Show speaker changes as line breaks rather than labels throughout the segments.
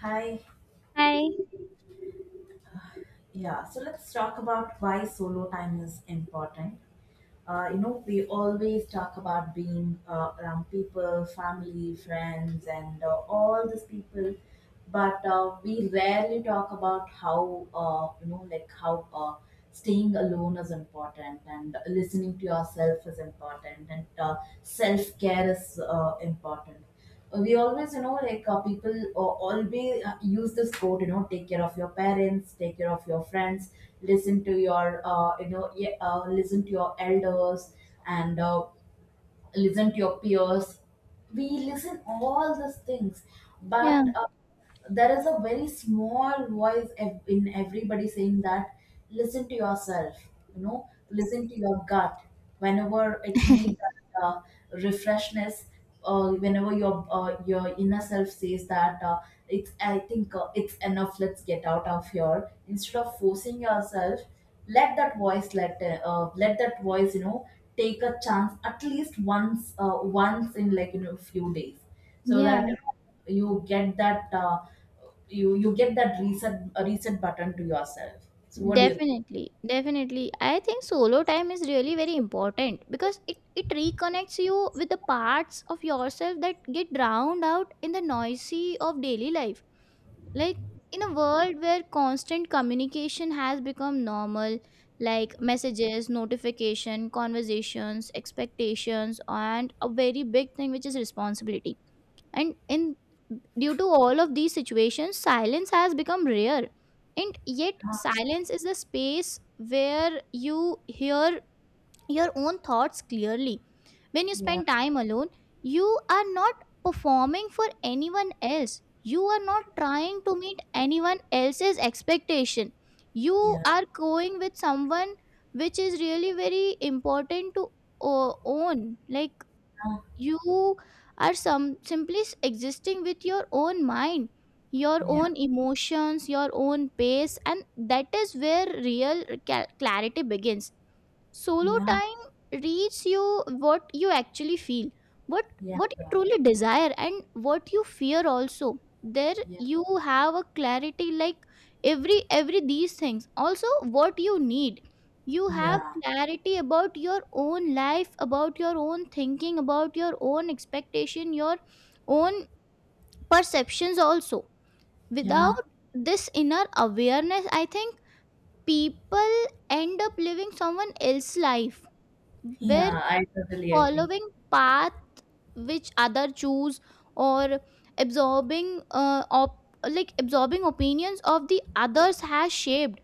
Hi,
Hi.
yeah. So let's talk about why solo time is important. We always talk about being around people, family, friends, and all these people, but we rarely talk about how you know, like how staying alone is important, and listening to yourself is important, and self care is important. We always, like, people always use this quote, take care of your parents, take care of your friends, listen to your elders, and listen to your peers. We listen all these things,
Yeah,
but there is a very small voice in everybody saying that listen to yourself. Listen to your gut whenever it needs that refreshness. Whenever your inner self says that it's I think it's enough, let's get out of here instead of forcing yourself. Let that voice let let that voice you know take a chance at least once in, like, few days, so
yeah,
that you get that reset button to yourself. So what do you think?
definitely. Definitely. I think solo time is really very important because it reconnects you with the parts of yourself that get drowned out in the noisy of daily life. Like in a world where constant communication has become normal, like messages, notification, conversations, expectations, and a very big thing which is responsibility, and in due to all of these situations silence has become rare, and yet silence is the space where you hear your own thoughts clearly. When you
Yeah.
spend time alone you are not performing for anyone else, you are not trying to meet anyone else's expectation, you
Yeah.
are going with someone, which is really very important to own like you are some simply existing with your own mind, your
Yeah.
own emotions, your own pace, and that is where real clarity begins. Solo
Yeah.
time reads you what you actually feel, what
Yeah.
what you truly desire, and what you fear. Also there
Yeah.
you have a clarity like every these things also what you need. You have
Yeah.
clarity about your own life, about your own thinking, about your own expectation, your own perceptions also. Without
Yeah.
this inner awareness I think people end up living someone else's life, where
Yeah. I totally agree.
following path which other choose or absorbing like absorbing opinions of the others has shaped,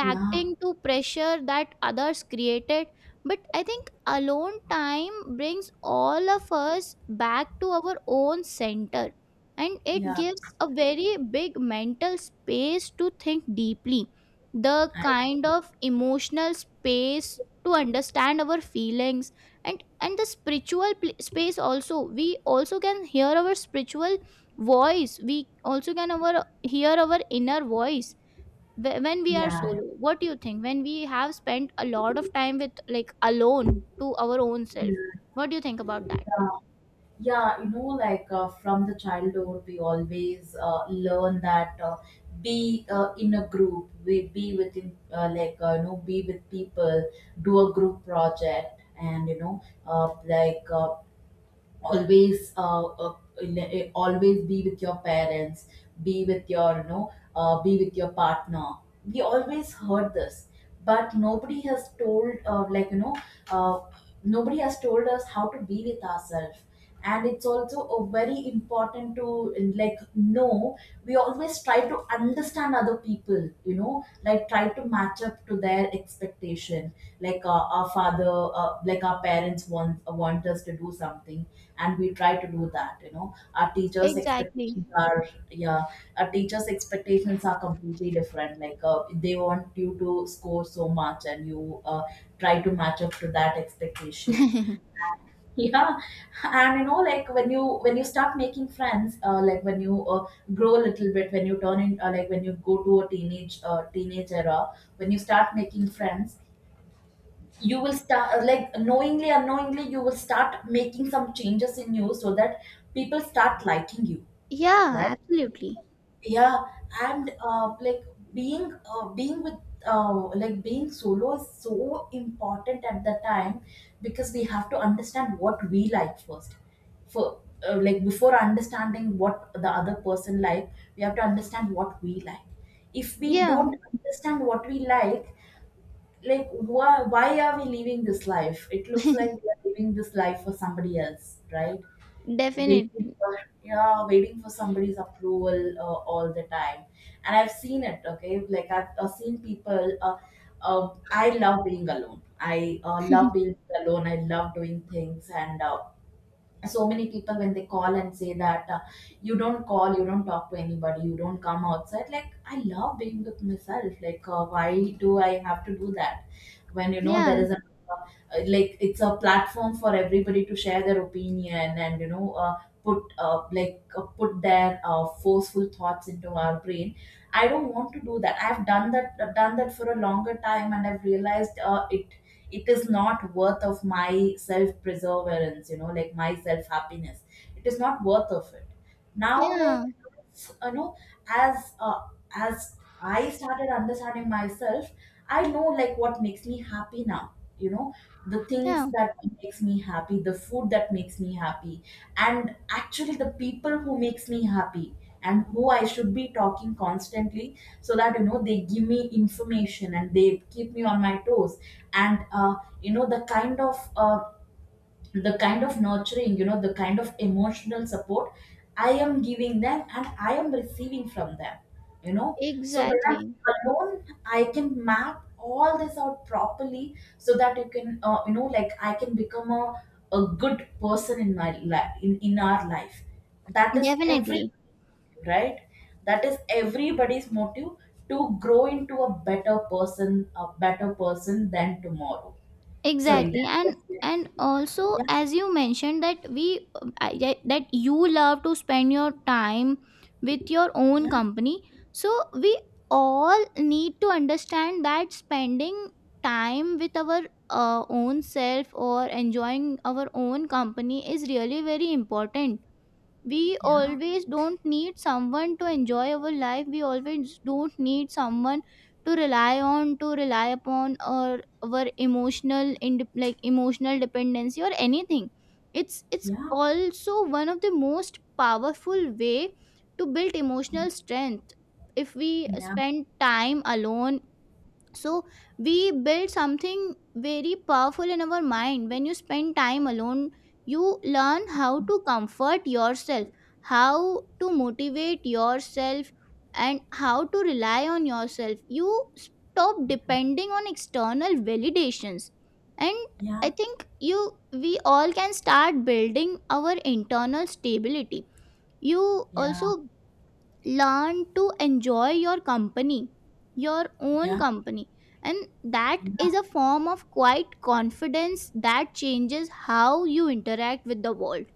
Yeah,
to pressure that others created. But I think alone time brings all of us back to our own center, and it
yeah,
gives a very big mental space to think deeply, the
I,
kind of emotional space to understand our feelings, and the spiritual space also. We also can hear our spiritual voice, we also can our hear our inner voice when we are
yeah,
solo. What do you think when we have spent a lot of time with like alone to our own self?
yeah,
What do you think about that?
yeah. Yeah. Like, from the childhood, we always learn that, be in a group, we be within, like you know, be with people, do a group project, and you know, like always le- always be with your parents, be with your you know be with your partner. We always heard this, but nobody has told like you know uh, nobody has told us how to be with ourselves. And it's also a very important to like know. We always try to understand other people, like try to match up to their expectation. Like, our parents want us to do something, and we try to do that. Our teachers'
Exactly.
expectations are, yeah, our teachers expectations are completely different. Like, they want you to score so much, and you try to match up to that expectation. Yeah. And like when you start making friends, like when you grow a little bit, when you turn in like when you go to a teenage era, when you start making friends, you will start, like, knowingly unknowingly, you will start making some changes in you so that people start liking you,
Yeah,
right.
absolutely.
Yeah. And like being being with like being solo is so important at the time, because we have to understand what we like first. For Like, before understanding what the other person like, we have to understand what we like. If we
Yeah,
don't understand what we like, why are we living this life? It looks like we are living this life for somebody else, right? Waiting
definitely.
for, yeah, waiting for somebody's approval all the time. And I've seen it, okay, like I've seen people, I love being alone. I love doing things, and so many people, when they call and say that, you don't call, you don't talk to anybody, you don't come outside. Like, I love being with myself. Like, why do I have to do that? When, you know, there
Yeah,
is a— uh, it's a platform for everybody to share their opinion, and put their forceful thoughts into our brain. I don't want to do that. I've done that for a longer time, and I've realized, it is not worth of my self perseverance, like my self happiness. It is not worth of it now, like,
yeah,
you know as uh, as I started understanding myself, I know like what makes me happy now. you know the things
yeah,
that makes me happy, the food that makes me happy, and actually the people who makes me happy, and who I should be talking constantly, so that they give me information and they keep me on my toes. And you know the kind of uh, the kind of nurturing, the kind of emotional support I am giving them and I am receiving from them you know so when
exactly,
I'm alone, I can map all this out properly, so that you can, like, I can become a good person in my life, in our life. That is every
definitely,
Right. That is everybody's motive, to grow into a better person, a better person than tomorrow. Sorry,
exactly.
that was
and
it.
and also
Yeah,
as you mentioned that we that you love to spend your time with your own
yeah,
company, so we all need to understand that spending time with our own self or enjoying our own company is really very important. We
yeah,
always don't need someone to enjoy our life, we always don't need someone to rely on, to rely upon, or our emotional like emotional dependency or anything. It's
yeah,
also one of the most powerful way to build emotional strength if we
yeah,
spend time alone. So we build something very powerful in our mind. When you spend time alone you learn how to comfort yourself, how to motivate yourself, and how to rely on yourself. You stop depending on external validations, and
yeah,
I think you we all can start building our internal stability. You
yeah,
also learn to enjoy your company, your own
yeah,
company, and that is
yeah,
a form of quiet confidence that changes how you interact with the world.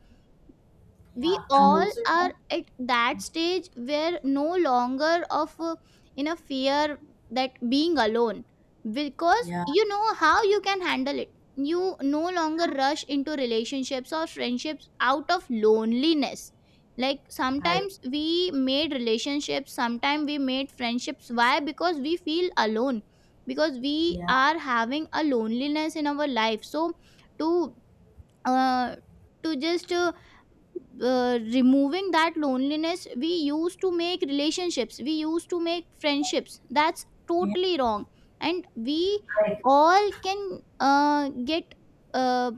yeah.
We
And
all
also,
are at that stage where no longer of in a fear that being alone, because
yeah,
you know how you can handle it. You no longer rush into relationships or friendships out of loneliness. Like
I,
sometimes we made relationships, sometimes we made friendships. Why? Because we feel alone, because we
yeah,
are having a loneliness in our life. So to uh, to just removing that loneliness we used to make relationships, we used to make friendships. That's
yeah,
totally wrong. And we
I,
all can get uh,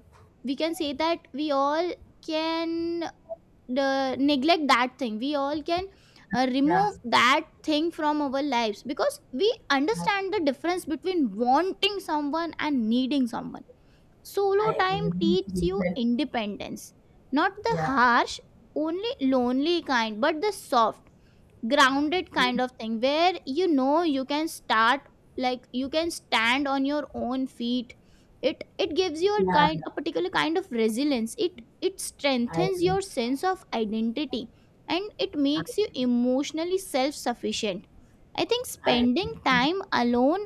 we can say that we all can neglect that thing, we all can
yeah,
remove that thing from our lives, because we
I,
understand the difference between wanting someone and needing someone. Solo
I agree.
time teaches
You
you
said,
independence, not the
yeah,
harsh, only lonely kind, but the soft, grounded
yeah,
kind of thing where you know you can start like you can stand on your own feet. It gives you a
yeah, yeah,
kind a particular kind of resilience. It
I
strengthens
agree.
your sense of identity, and it
I agree.
makes you emotionally self-sufficient. I think
I
spending
agree.
time alone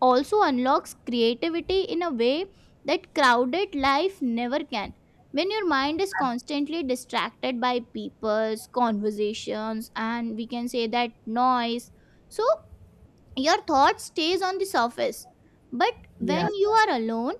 also unlocks creativity in a way that crowded life never can. When your mind is constantly distracted by people's conversations and we can say that noise, so your thought stays on the surface, but when
Yeah,
you
yeah,
are alone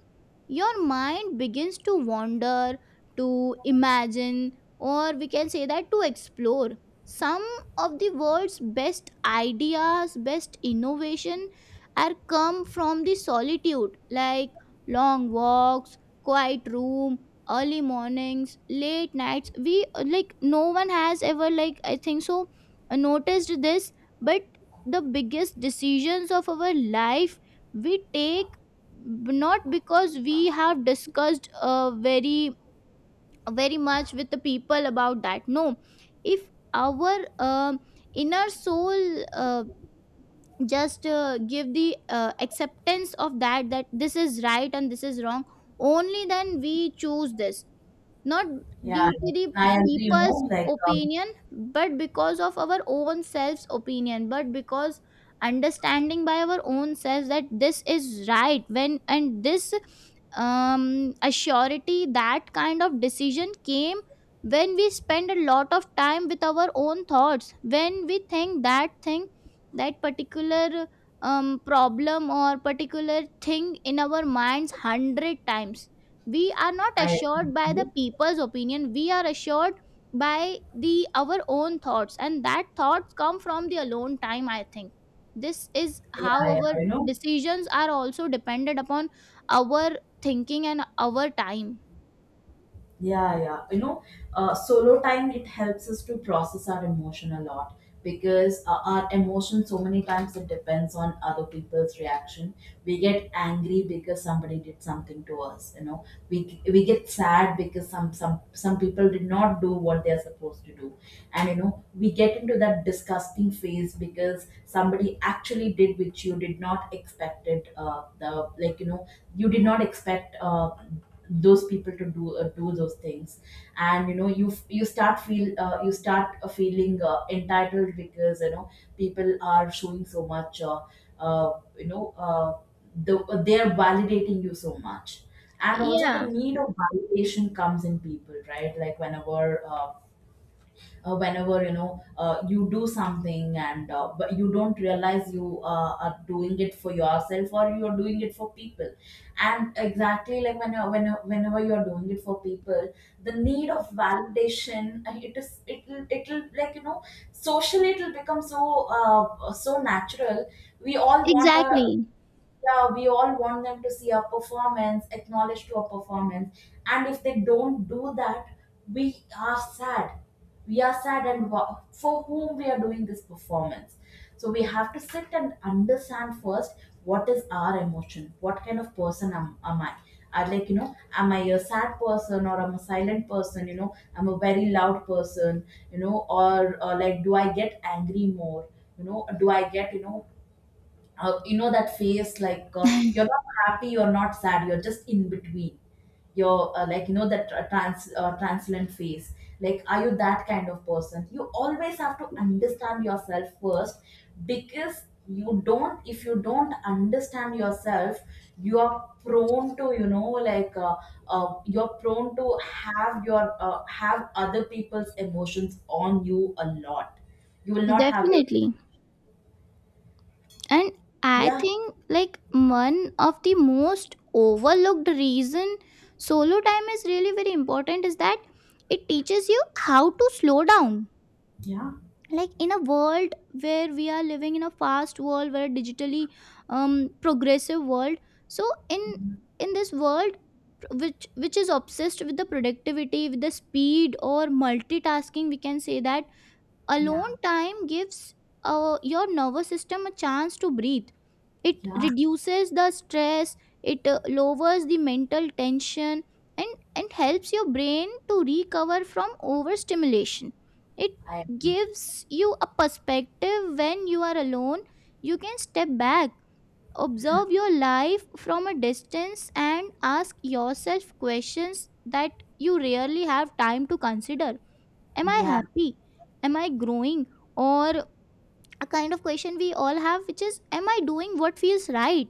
your mind begins to wander, to imagine, or we can say that to explore. Some of the world's best ideas, best innovation are come from the solitude, like long walks, quiet room, early mornings, late nights. We like no one has ever like I think so noticed this, but the biggest decisions of our life we take not because we have discussed very very much with the people about that. No, if our inner soul just give the acceptance of that, that this is right and this is wrong, only then we choose this. Not
yeah.
due to the
I agree.
people's opinion, but because of our own self's opinion, but because understanding by our own selves that this is right when, and this assurity, that kind of decision came when we spend a lot of time with our own thoughts, when we think that thing, that particular um problem or particular thing in our minds 100 times. We are not
I agree
assured by
with
the
you.
people's opinion, we are assured by the our own thoughts, and that thoughts come from the alone time. I think this is
Yeah,
how
yeah,
our decisions are also dependent upon our thinking and our time.
yeah, yeah. Solo time, it helps us to process our emotion a lot, because our emotion, so many times, it depends on other people's reaction. We get angry because somebody did something to us. We get sad because some people did not do what they are supposed to do, and we get into that disgusting phase because somebody actually did which you did not expected. The like you know You did not expect. Those people to do, those things, and you f- you start feel you start feeling entitled, because people are showing so much, uh, you know uh, they are validating you so much. And also the
Yeah,
need of validation comes in people, right? Like, whenever you do something, and, but you don't realize you are doing it for yourself, or you are doing it for people. And exactly, like, whenever you are doing it for people, the need of validation, it is it'll it'll like, socially, it'll become so natural. We all want a
exactly,
Yeah, we all want them to see our performance, acknowledge to our performance. And if they don't do that, we are sad. We are sad, and for whom we are doing this performance. So we have to sit and understand first, what is our emotion? What kind of person am I? Like, am I a sad person, or I'm a silent person, I'm a very loud person, or like, do I get angry more? Do I get, you know that phase, like, you're not happy, you're not sad, you're just in between, you're like, that transient phase. Like, are you that kind of person? You always have to understand yourself first, because you don't if you don't understand yourself, you are prone to you know like you're prone to have your have other people's emotions on you a lot. You will not have your—
definitely. And I
yeah,
think like one of the most overlooked reason solo time is really very important is that it teaches you how to slow down.
yeah,
Like in a world where we are living in a fast world where digitally um progressive world, so in in this world which is obsessed with the productivity, with the speed, or multitasking we can say that,
yeah.
alone time gives your nervous system a chance to breathe. It
Yeah,
reduces the stress, it lowers the mental tension, and helps your brain to recover from overstimulation. It
I
gives you a perspective. When you are alone you can step back, observe your life from a distance, and ask yourself questions that you rarely have time to consider. Am I
yeah,
happy? Am I growing? Or a kind of question we all have, which is, am I doing what feels right?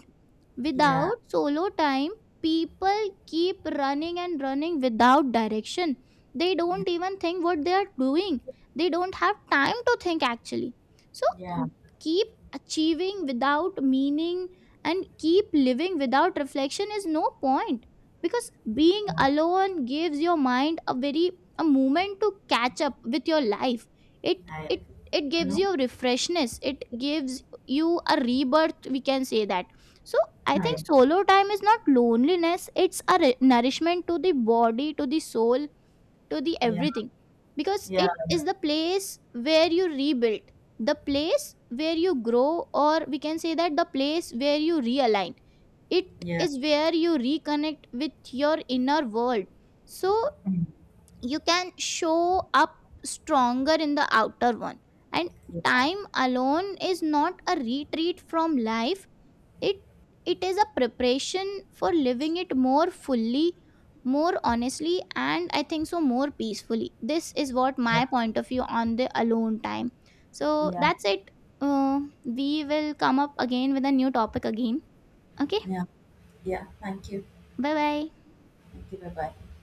yeah,
Without solo time, people keep running and running without direction. They
yeah,
don't even think what they are doing, they don't have time to think actually. So,
yeah,
keep achieving without meaning and keep living without reflection is no point, because being alone gives your mind a very a moment to catch up with your life. it
I agree.
it it
You
gives
know,
you a refreshness, it gives you a rebirth we can say that. So I
I
think solo time is not loneliness, it's a nourishment to the body, to the soul, to the
Yeah,
everything, because
yeah,
it is the place where you rebuild, the place where you grow, or we can say that the place where you realign. It
yeah,
is where you reconnect with your inner world, so
mm,
you can show up stronger in the outer one. And
yeah,
time alone is not a retreat from life, it it is a preparation for living it more fully, more honestly, and I think so more peacefully. This is what
yeah,
my point of view on the alone time. So
yeah,
that's it. We will come up again with a new topic again. Okay.
yeah, yeah. Thank you.
Bye bye.
Thank you. Bye bye.